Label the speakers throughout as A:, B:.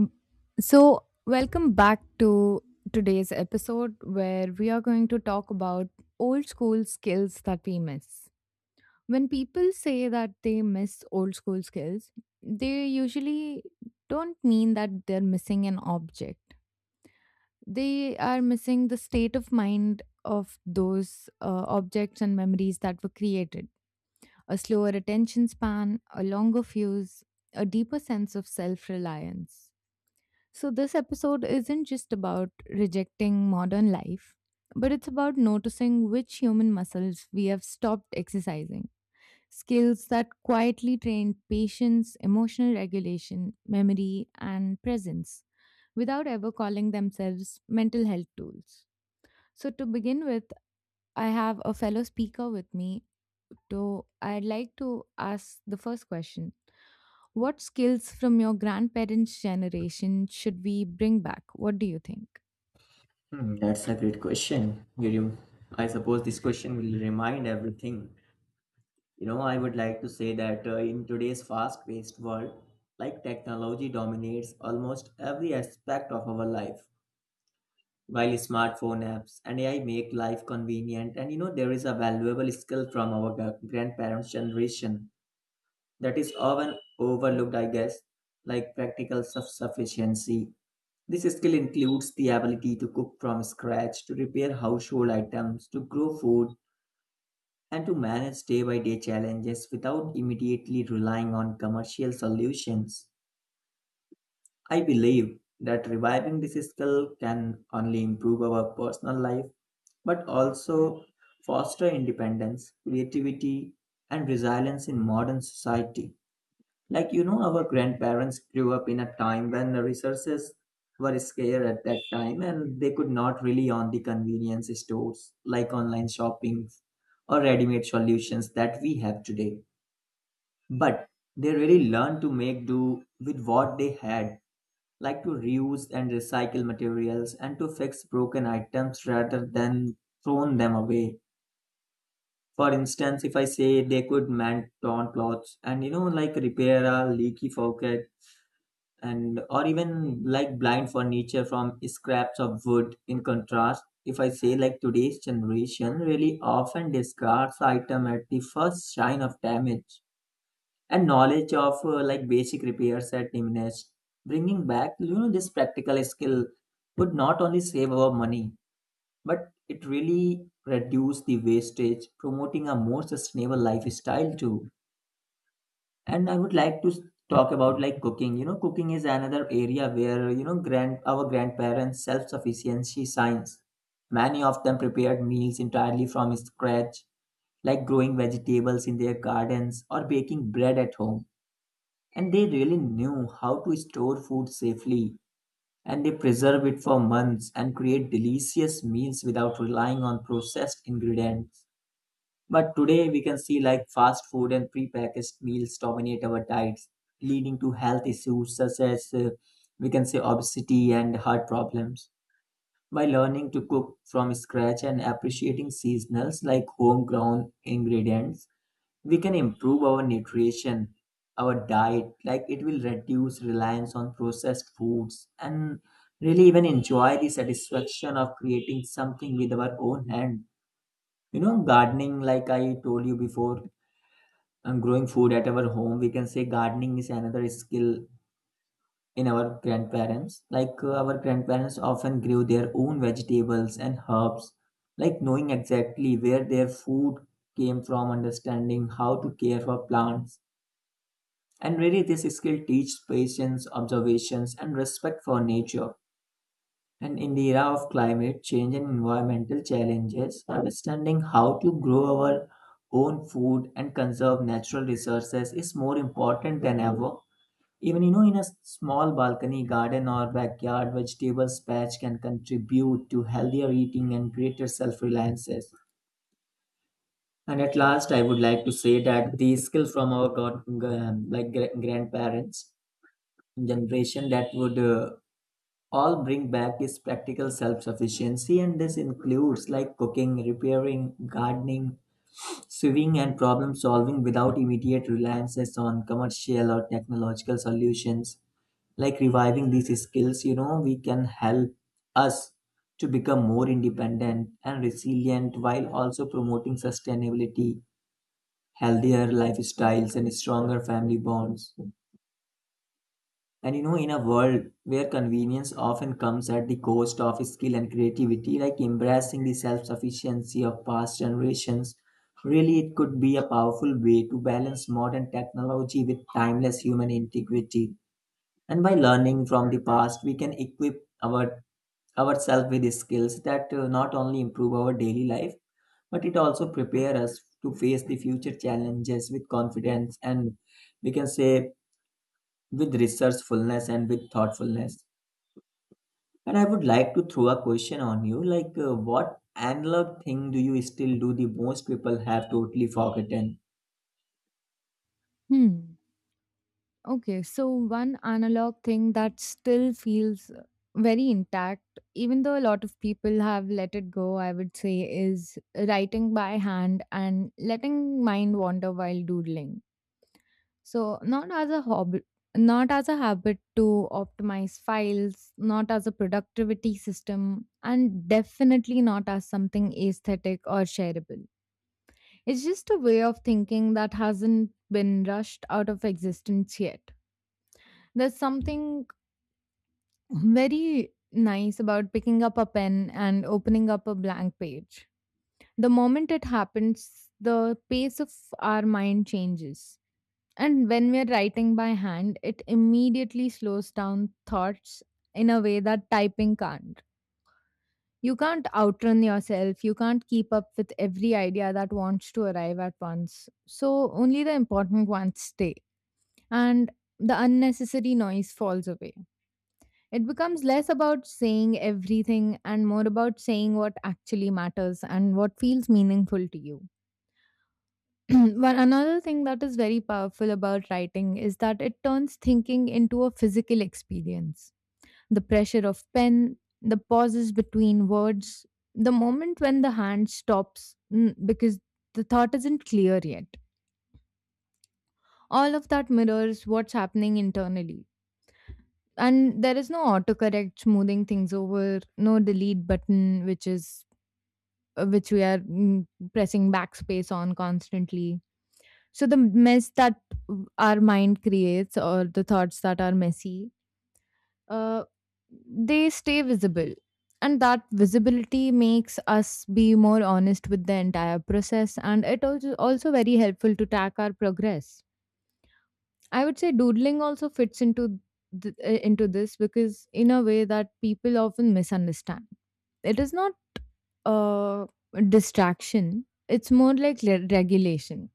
A: Mm. So, welcome back to today's episode where we are going to talk about old school skills that we miss. When people say that they miss old school skills, they usually don't mean that they're missing an object. They are missing the state of mind of those objects and memories that were created. A slower attention span, a longer fuse, a deeper sense of self reliance. So, this episode isn't just about rejecting modern life, but it's about noticing which human muscles we have stopped exercising. Skills that quietly train patience, emotional regulation, memory, and presence without ever calling themselves mental health tools. So, to begin with, I have a fellow speaker with me. So, I'd like to ask the first question. What skills from your grandparents' generation should we bring back? What do you think?
B: Hmm, that's a great question. I suppose this question will remind everything. You know, I would like to say that in today's fast-paced world, like technology dominates almost every aspect of our life. While smartphone apps and AI make life convenient, and you know, there is a valuable skill from our grandparents' generation that is often overlooked, I guess, like practical self-sufficiency. This skill includes the ability to cook from scratch, to repair household items, to grow food, and to manage day by day challenges without immediately relying on commercial solutions. I believe that reviving this skill can only improve our personal life, but also foster independence, creativity, and resilience in modern society. Like, you know, our grandparents grew up in a time when the resources were scarce at that time and they could not rely on the convenience stores like online shopping or ready made solutions that we have today. But they really learned to make do with what they had, like to reuse and recycle materials and to fix broken items rather than thrown them away. For instance, if I say they could mend torn clothes and you know, like repair a leaky faucet and or even like blind furniture from scraps of wood. In contrast, if I say like today's generation really often discards item at the first sign of damage and knowledge of like basic repairs at diminished, bringing back you know this practical skill would not only save our money but it really reduce the wastage, promoting a more sustainable lifestyle too. And I would like to s- talk about like cooking. You know, cooking is another area where you know grand our grandparents self sufficiency signs. Many of them prepared meals entirely from scratch, like growing vegetables in their gardens or baking bread at home, and they really knew how to store food safely and they preserve it for months and create delicious meals without relying on processed ingredients. But today we can see like fast food and prepackaged meals dominate our diets, leading to health issues such as we can say obesity and heart problems. By learning to cook from scratch and appreciating seasonals like homegrown ingredients, we can improve our nutrition, our diet. Like it will reduce reliance on processed foods and really even enjoy the satisfaction of creating something with our own hand. You know, gardening, like I told you before, and growing food at our home, we can say gardening is another skill in our grandparents. Like our grandparents often grew their own vegetables and herbs, like knowing exactly where their food came from, understanding how to care for plants, and really this skill teaches patience, observations and respect for nature. And in the era of climate change and environmental challenges, understanding how to grow our own food and conserve natural resources is more important than ever. Even you know, in a small balcony garden or backyard vegetables patch can contribute to healthier eating and greater self-reliances. And at last, I would like to say that the skill from our god, g- like gra- grandparents generation that would all bring back is practical self-sufficiency, and this includes like cooking, repairing, gardening, sewing and problem solving without immediate reliances on commercial or technological solutions. Like reviving these skills, you know, we can help us to become more independent and resilient while also promoting sustainability, healthier lifestyles and stronger family bonds. And you know, in a world where convenience often comes at the cost of skill and creativity, like embracing the self sufficiency of past generations, really it could be a powerful way to balance modern technology with timeless human integrity. And by learning from the past, we can equip our ourselves with skills that not only improve our daily life, but it also prepare us to face the future challenges with confidence and we can say with resourcefulness and with thoughtfulness. And I would like to throw a question on you like, what analog thing do you still do the most people have totally forgotten?
A: Hmm. Okay. So, one analog thing that still feels very intact, even though a lot of people have let it go, I would say, is writing by hand and letting mind wander while doodling. So, not as a hobby. Not as a habit to optimize files, not as a productivity system, and definitely not as something aesthetic or shareable. It's just a way of thinking that hasn't been rushed out of existence yet. There's something very nice about picking up a pen and opening up a blank page. The moment it happens, the pace of our mind changes. And when we're writing by hand, it immediately slows down thoughts in a way that typing can't. You can't outrun yourself, you can't keep up with every idea that wants to arrive at once. So only the important ones stay. And the unnecessary noise falls away. It becomes less about saying everything and more about saying what actually matters and what feels meaningful to you. One another thing that is very powerful about writing is that it turns thinking into a physical experience. The pressure of pen, the pauses between words, the moment when the hand stops because the thought isn't clear yet. All of that mirrors what's happening internally, and there is no autocorrect smoothing things over, no delete button, which is which we are pressing backspace on constantly. So the mess that our mind creates or the thoughts that are messy, uh, they stay visible. And that visibility makes us be more honest with the entire process. And it is also very helpful to track our progress. I would say doodling also fits into into this because in a way that people often misunderstand, it is not uh, distraction. It's more like regulation.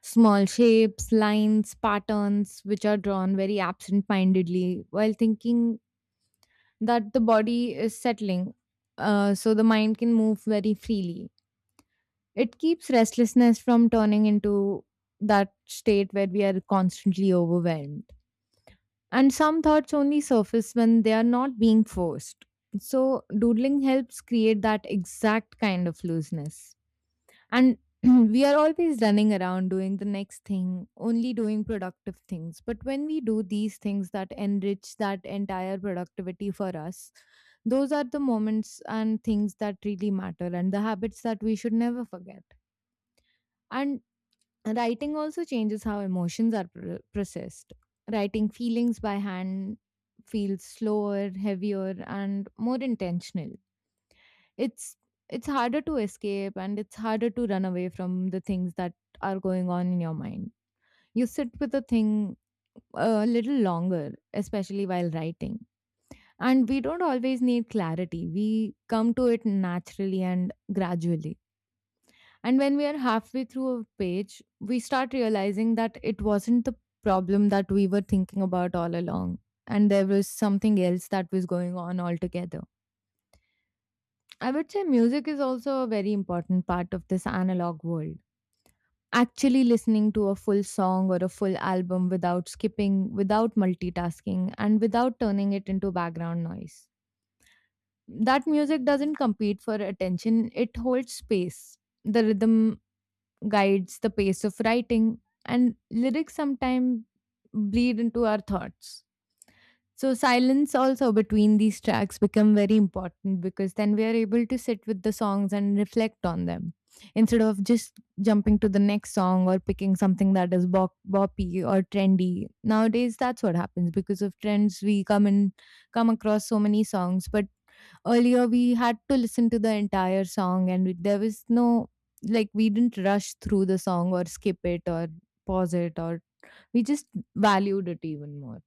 A: Small shapes, lines, patterns, which are drawn very absent mindedly while thinking that the body is settling, so the mind can move very freely. It keeps restlessness from turning into that state where we are constantly overwhelmed. And some thoughts only surface when they are not being forced. So, doodling helps create that exact kind of looseness. And we are always running around doing the next thing, only doing productive things. But when we do these things that enrich that entire productivity for us, those are the moments and things that really matter and the habits that we should never forget. And writing also changes how emotions are processed. Writing feelings by hand feels slower, heavier, and more intentional. It's it's harder to escape and it's harder to run away from the things that are going on in your mind. You sit with the thing a little longer, especially while writing, and we don't always need clarity. We come to it naturally and gradually, and when we are halfway through a page, we start realizing that it wasn't the problem that we were thinking about all along and there was something else that was going on altogether. I would say music is also a very important part of this analog world. Actually, listening to a full song or a full album without skipping, without multitasking, and without turning it into background noise. That music doesn't compete for attention, it holds space. The rhythm guides the pace of writing, and lyrics sometimes bleed into our thoughts. So silence also between these tracks become very important because then we are able to sit with the songs and reflect on them instead of just jumping to the next song or picking something that is boppy or trendy. Nowadays that's what happens because of trends we come across so many songs, but earlier we had to listen to the entire song and we, there was no, like, we didn't rush through the song or skip it or pause it or we just valued it even more.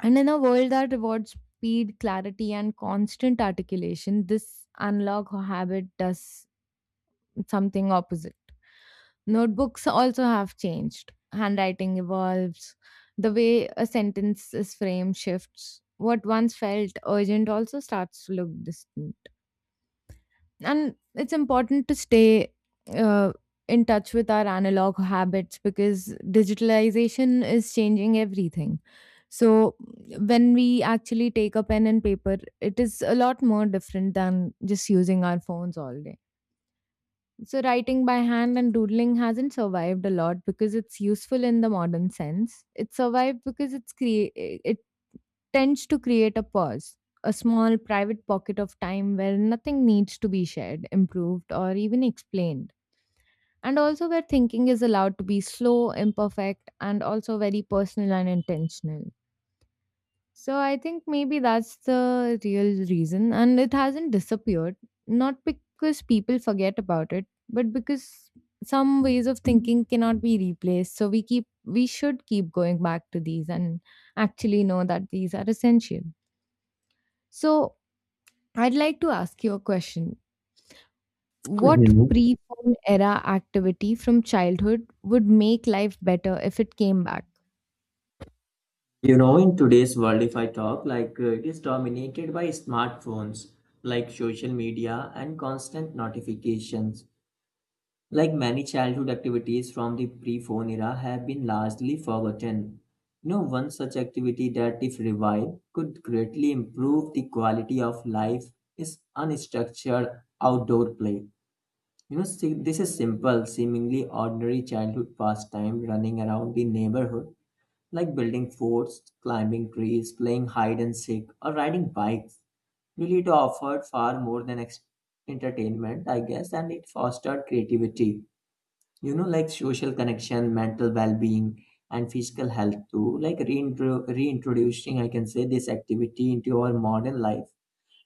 A: And in a world that rewards speed, clarity, and constant articulation, this analog habit does something opposite. Notebooks also have changed. Handwriting evolves. The way a sentence is framed shifts. What once felt urgent also starts to look distant, and it's important to stay uh, in touch with our analog habits because digitalization is changing everything. So when we actually take a pen and paper, it is a lot more different than just using our phones all day. So writing by hand and doodling hasn't survived a lot because it's useful in the modern sense. It survived because it tends to create a pause, a small private pocket of time where nothing needs to be shared, improved, or even explained. And also where thinking is allowed to be slow, imperfect, and also very personal and intentional. So I think maybe that's the real reason. And it hasn't disappeared, not because people forget about it, but because some ways of thinking cannot be replaced. So we should keep going back to these and actually know that these are essential. So I'd like to ask you a question. What
B: Mhm.
A: pre phone era activity from childhood would make life better if it came back?
B: You know, in today's world, if I talk, like it is dominated by smartphones, like social media and constant notifications. Like many childhood activities from the pre-phone era have been largely forgotten. You know, one such activity that, if revived, could greatly improve the quality of life is unstructured outdoor play. You know, see, this is simple, seemingly ordinary childhood pastime running around the neighborhood, like building forts, climbing trees, playing hide and seek, or riding bikes. Really, it offered far more than entertainment, I guess, and it fostered creativity. You know, like social connection, mental well being, and physical health too. Like reintroducing, I can say, this activity into our modern life.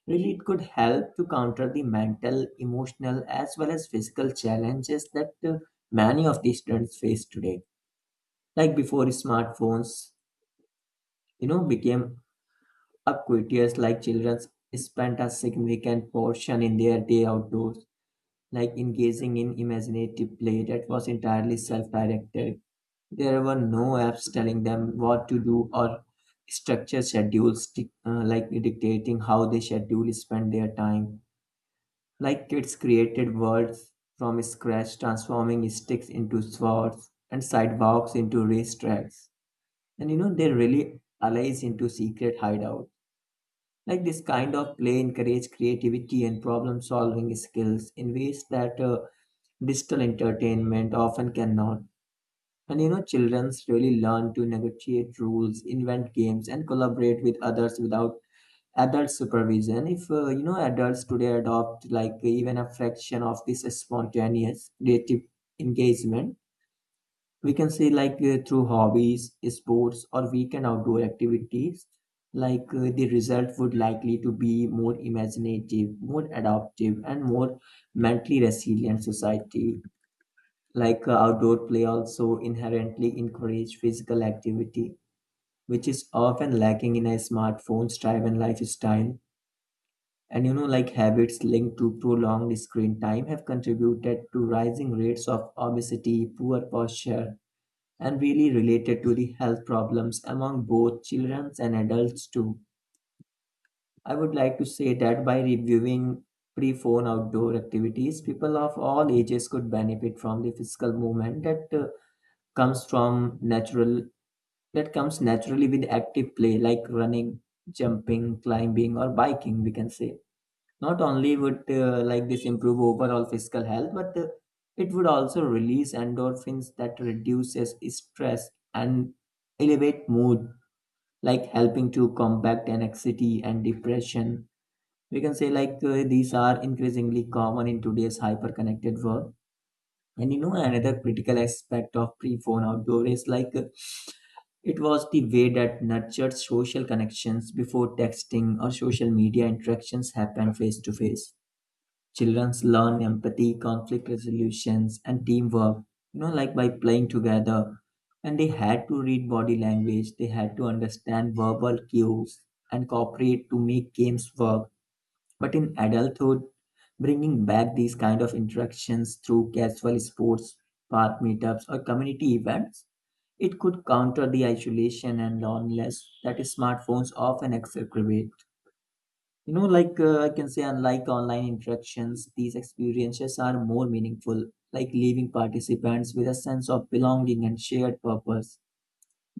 B: Really, it could help to counter the mental, emotional, as well as physical challenges that many of these students face today. Like before smartphones, you know, became ubiquitous, like children spent a significant portion in their day outdoors, like engaging in imaginative play that was entirely self-directed. There were no apps telling them what to do or structure schedules, like dictating how they schedule spend their time. Like kids created worlds from scratch, transforming sticks into swords and sidewalks into racetracks. And you know, they really allies into secret hideout. Like this kind of play encourage creativity and problem solving skills in ways that digital entertainment often cannot. And you know, childrens really learn to negotiate rules, invent games, and collaborate with others without adult supervision. If you know, adults today adopt like even a fraction of this spontaneous creative engagement, we can say like through hobbies, sports or weekend outdoor activities, like the result would likely to be more imaginative, more adaptive and more mentally resilient society. Like outdoor play also inherently encourage physical activity, which is often lacking in a smartphone's driven lifestyle. And you know, like habits linked to prolonged screen time have contributed to rising rates of obesity, poor posture, and really related to the health problems among both children and adults too. I would like to say that by reviewing pre-phone outdoor activities, people of all ages could benefit from the physical movement that comes from natural that comes naturally with active play like running, jumping, climbing, or biking, we can say. Not only would like this improve overall physical health, but it would also release endorphins that reduces stress and elevate mood, like helping to combat anxiety and depression. We can say like these are increasingly common in today's hyper-connected world. And you know, another critical aspect of pre-phone outdoor is like it was the way that nurtured social connections before texting or social media. Interactions happened face to face. Children learn empathy, conflict resolutions, and teamwork, you know, like by playing together. And they had to read body language, they had to understand verbal cues and cooperate to make games work. But in adulthood, bringing back these kind of interactions through casual sports, park meetups, or community events, it could counter the isolation and loneliness that smartphones often exacerbate. You know, like I can say, unlike online interactions, these experiences are more meaningful, like leaving participants with a sense of belonging and shared purpose.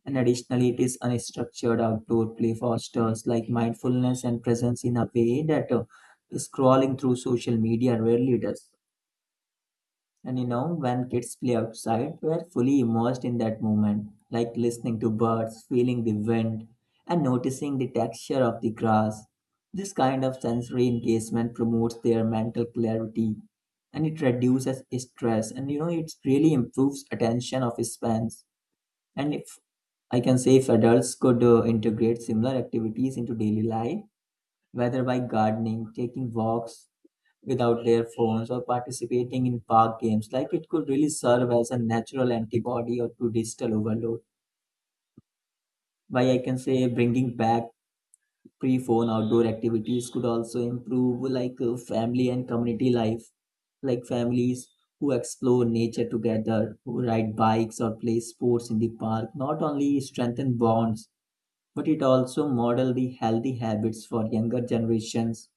B: And additionally, it is unstructured outdoor play fosters like mindfulness and presence in a way that scrolling through social media rarely does. And you know, when kids play outside, we are fully immersed in that moment, like listening to birds, feeling the wind, and noticing the texture of the grass. This kind of sensory engagement promotes their mental clarity and it reduces stress, and you know it really improves attention of spans. And if I can say, if adults could integrate similar activities into daily life, whether by gardening, taking walks without their phones or participating in park games. Like it could really serve as a natural antibody or to digital overload. Why I can say, bringing back pre-phone outdoor activities could also improve like family and community life. Like families who explore nature together, who ride bikes or play sports in the park, not only strengthen bonds, but it also model the healthy habits for younger generations.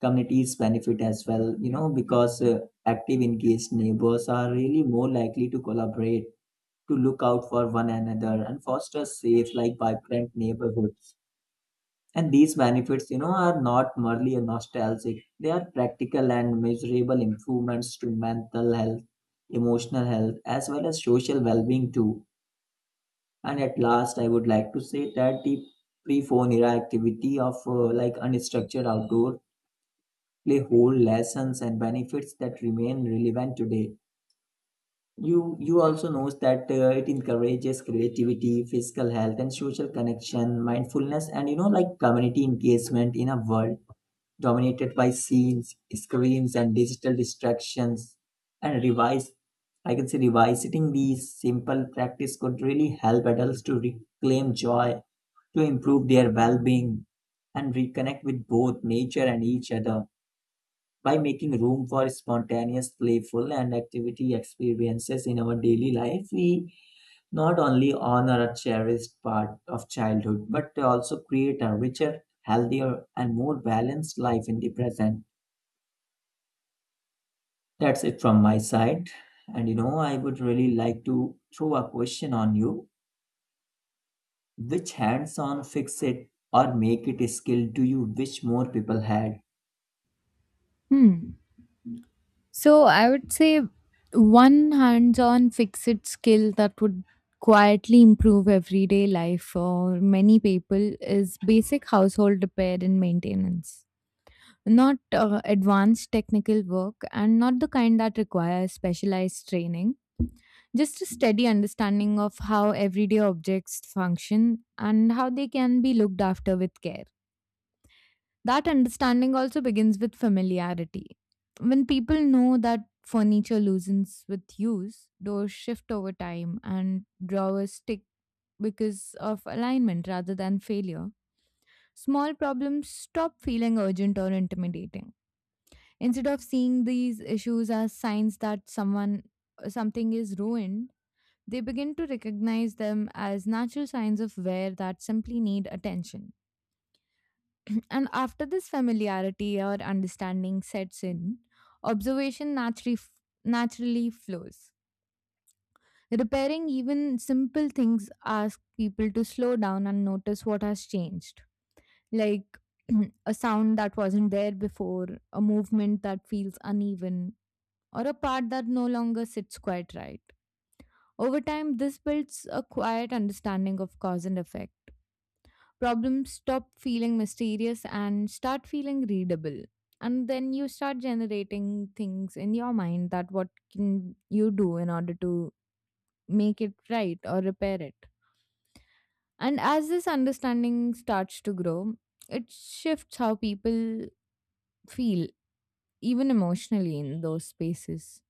B: Communities benefit as well, you know, because active engaged neighbors are really more likely to collaborate, to look out for one another and foster safe like vibrant neighborhoods. And these benefits, you know, are not merely nostalgic. They are practical and measurable improvements to mental health, emotional health as well as social well-being too. And at last, I would like to say that the pre-phone era activity of like unstructured outdoor play whole lessons and benefits that remain relevant today. You also knows that it encourages creativity, physical health, and social connection, mindfulness, and like community engagement in a world dominated by scenes, screens, and digital distractions. And revise, I can say revisiting these simple practice could really help adults to reclaim joy, to improve their well-being, and reconnect with both nature and each other by making room for spontaneous, playful, and activity experiences in our daily life, we not only honor a cherished part of childhood, but also create a richer, healthier, and more balanced life in the present. That's it from my side. I would really like to throw a question on you. Which hands on fix it or make it skill do you wish more people had?
A: Hmm. So I would say one hands-on fixed skill that would quietly improve everyday life for many people is basic household repair and maintenance. Not advanced technical work and not the kind that requires specialized training, just a steady understanding of how everyday objects function and how they can be looked after with care. That understanding also begins with familiarity. When people know that furniture loosens with use, doors shift over time, and drawers stick because of alignment rather than failure, small problems stop feeling urgent or intimidating. Instead of seeing these issues as signs that someone something is ruined, they begin to recognize them as natural signs of wear that simply need attention. And after this familiarity or understanding sets in, observation naturally flows. Repairing even simple things asks people to slow down and notice what has changed. Like a sound that wasn't there before, a movement that feels uneven, or a part that no longer sits quite right. Over time, this builds a quiet understanding of cause and effect. Problems stop feeling mysterious and start feeling readable, and then you start generating things in your mind that what can you do in order to make it right or repair it. And as this understanding starts to grow, it shifts how people feel, even emotionally in those spaces.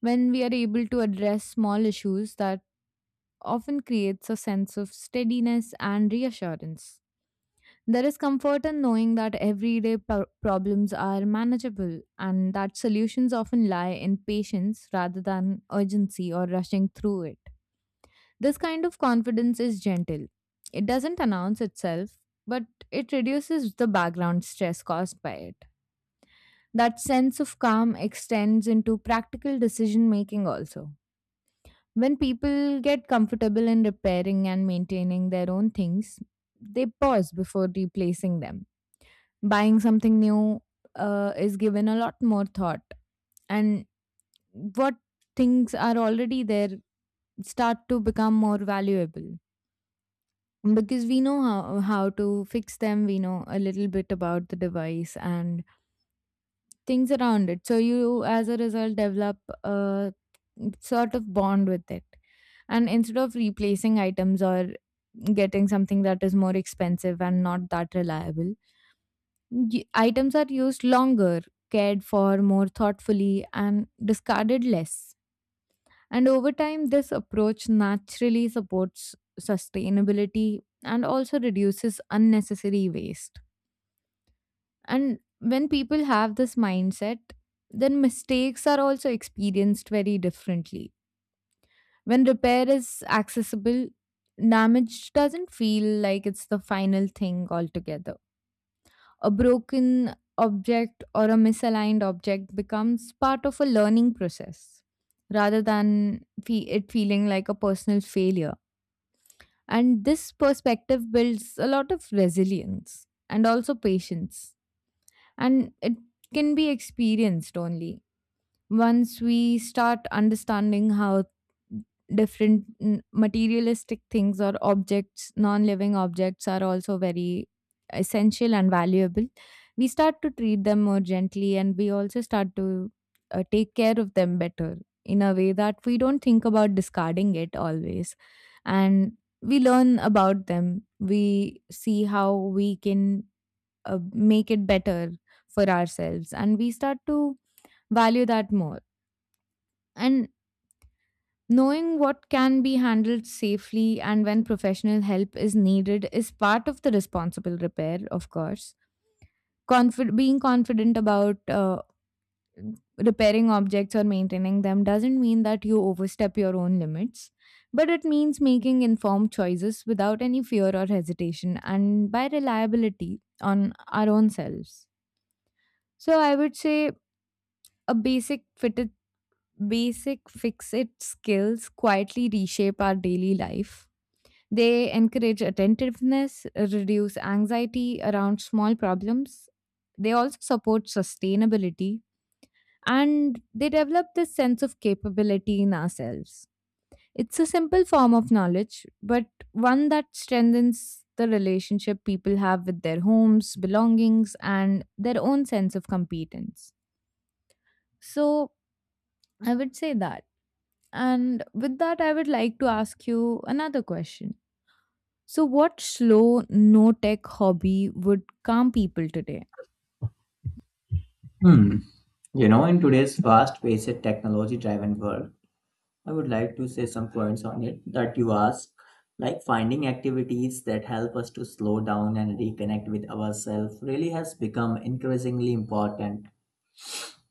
A: When we are able to address small issues, that often creates a sense of steadiness and reassurance. There is comfort in knowing that everyday problems are manageable and that solutions often lie in patience rather than urgency or rushing through it. This kind of confidence is gentle. It doesn't announce itself, but it reduces the background stress caused by it. That sense of calm extends into practical decision making also. When people get comfortable in repairing and maintaining their own things, they pause before replacing them. Buying something new is given a lot more thought, and what things are already there start to become more valuable because we know how to fix them. We know a little bit about the device and things around it, so you as a result develop a sort of bond with it. And instead of replacing items or getting something that is more expensive and not that reliable, items are used longer, cared for more thoughtfully, and discarded less. And over time, this approach naturally supports sustainability and also reduces unnecessary waste. And when people have this mindset, then mistakes are also experienced very differently. When repair is accessible, damage doesn't feel like it's the final thing altogether. A broken object or a misaligned object becomes part of a learning process rather than it feeling like a personal failure. And this perspective builds a lot of resilience and also patience. And it can be experienced only once we start understanding how different materialistic things or objects, non living objects, are also very essential and valuable. We start to treat them more gently and we also start to take care of them better, in a way that we don't think about discarding it always. And we learn about them, we see how we can make it better for ourselves, and we start to value that more. And knowing what can be handled safely and when professional help is needed is part of the responsible repair, of course. Being confident about repairing objects or maintaining them doesn't mean that you overstep your own limits, but it means making informed choices without any fear or hesitation and by reliability on our own selves. So I would say a basic fitted basic fix it skills quietly reshape our daily life. They encourage attentiveness, reduce anxiety around small problems. They also support sustainability and they develop this sense of capability in ourselves. It's a simple form of knowledge, but one that strengthens the relationship people have with their homes, belongings, and their own sense of competence. So, I would say that. And with that, I would like to ask you another question. So, what slow, no tech hobby would calm people today?
B: Hmm. You know, in today's fast paced, technology driven world, I would like to say some points on it that you ask, like finding activities that help us to slow down and reconnect with ourselves really has become increasingly important.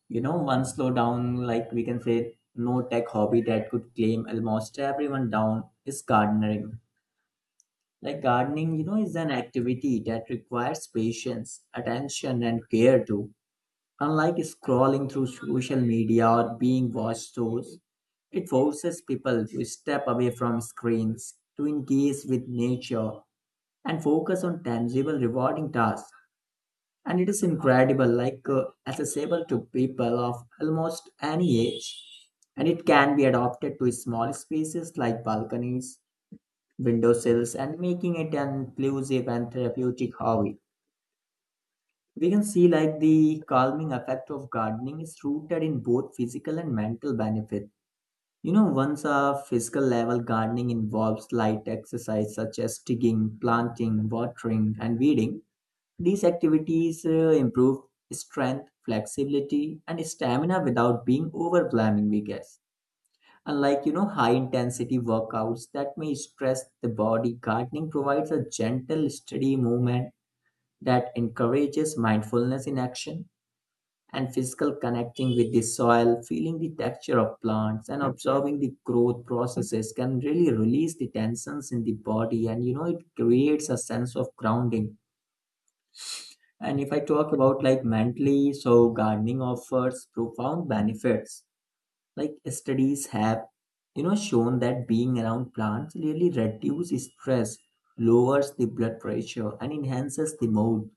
B: You know, one slow down, like we can say, no tech hobby that could claim almost everyone down is gardening. Like gardening, you know, is an activity that requires patience, attention, and care too. Unlike scrolling through social media or being watched shows, it forces people to step away from screens, to engage with nature, and focus on tangible, rewarding tasks. And it is incredible, like accessible to people of almost any age. And it can be adopted to small spaces like balconies, windowsills, and making it an inclusive and therapeutic hobby. We can see like the calming effect of gardening is rooted in both physical and mental benefit. You know, once a physical level, gardening involves light exercise such as digging, planting, watering, and weeding. These activities improve strength, flexibility, and stamina without being overwhelming, we guess. Unlike, you know, high intensity workouts that may stress the body, gardening provides a gentle, steady movement that encourages mindfulness in action and physical connecting with the soil, feeling the texture of plants, and observing the growth processes can really release the tensions in the body. And you know, it creates a sense of grounding. And if I talk about like mentally, so gardening offers profound benefits. Like studies have, you know, shown that being around plants really reduces stress, lowers the blood pressure, and enhances the mood.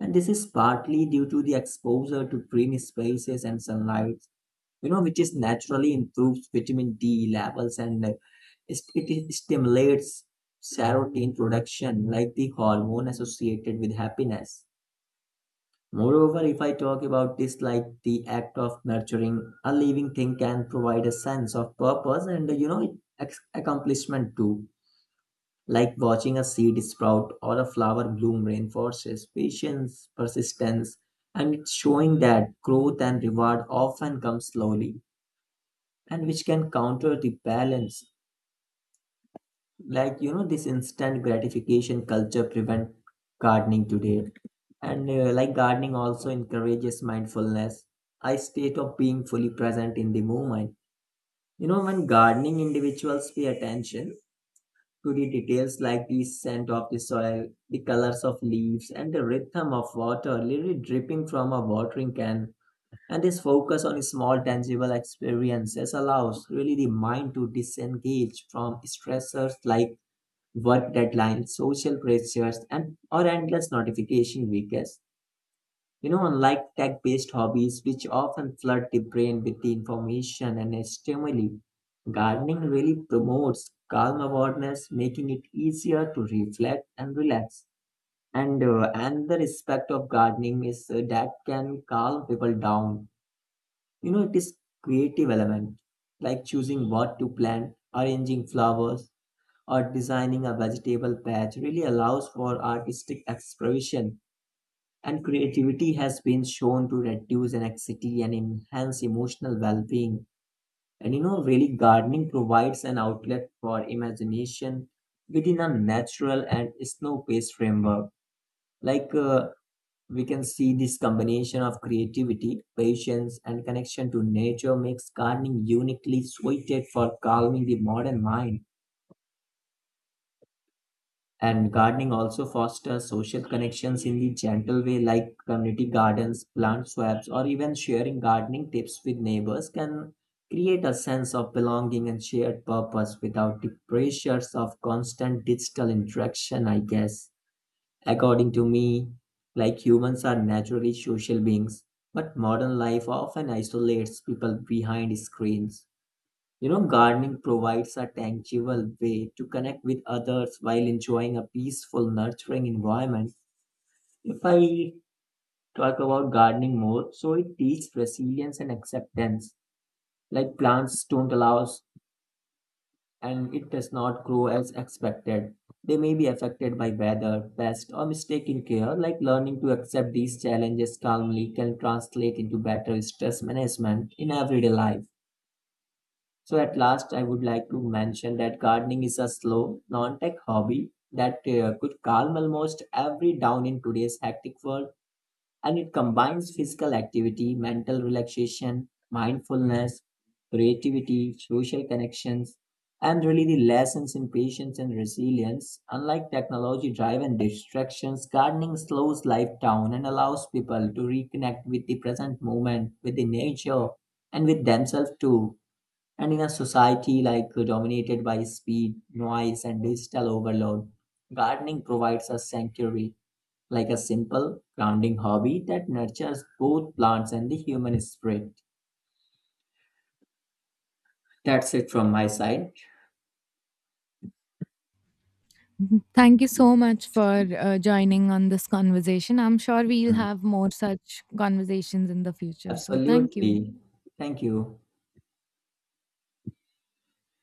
B: And this is partly due to the exposure to green spaces and sunlight, you know, which is naturally improves vitamin d levels and it stimulates serotonin production like the hormone associated with happiness. Moreover, if I talk about this, like the act of nurturing a living thing can provide a sense of purpose and accomplishment too, like watching a seed sprout or a flower bloom reinforces patience, persistence, and it's showing that growth and reward often come slowly and which can counter the balance, like you know, this instant gratification culture prevent gardening today. And like gardening also encourages mindfulness, a state of being fully present in the moment. You know, when gardening, individuals pay attention to the details like the scent of the soil, the colors of leaves, and the rhythm of water literally dripping from a watering can. And this focus on small tangible experiences allows really the mind to disengage from stressors like work deadlines, social pressures, and or endless notification weekends. You know, unlike tech-based hobbies, which often flood the brain with the information and stimuli, gardening really promotes calm awareness, making it easier to reflect and relax. And another aspect of gardening is that can calm people down, you know, it is creative element, like choosing what to plant, arranging flowers, or designing a vegetable patch really allows for artistic expression. And creativity has been shown to reduce anxiety and enhance emotional well-being. And you know, really gardening provides an outlet for imagination within a natural and snow-based framework. Like we can see this combination of creativity, patience, and connection to nature makes gardening uniquely suited for calming the modern mind. And gardening also fosters social connections in the gentle way, like community gardens, plant swaps, or even sharing gardening tips with neighbors can create a sense of belonging and shared purpose without the pressures of constant digital interaction, I guess. According to me, like humans are naturally social beings, but modern life often isolates people behind screens. You know, gardening provides a tangible way to connect with others while enjoying a peaceful, nurturing environment. If I talk about gardening more, so it teaches resilience and acceptance. Like plants don't allow and it does not grow as expected. They may be affected by weather, pest, or mistaken care, like learning to accept these challenges calmly can translate into better stress management in everyday life. So, at last, I would like to mention that gardening is a slow, non tech hobby that could calm almost every down in today's hectic world, and it combines physical activity, mental relaxation, mindfulness, creativity, social connections, and really the lessons in patience and resilience. Unlike technology driven distractions, gardening slows life down and allows people to reconnect with the present moment, with the nature, and with themselves too. And in a society like dominated by speed, noise, and digital overload, gardening provides a sanctuary like a simple, grounding hobby that nurtures both plants and the human spirit. That's it from my side.
A: Mhm. Thank you so much for joining on this conversation. I'm sure we'll
B: Mm.
A: have more such conversations in the future. So, thank you.
B: Absolutely. Thank you.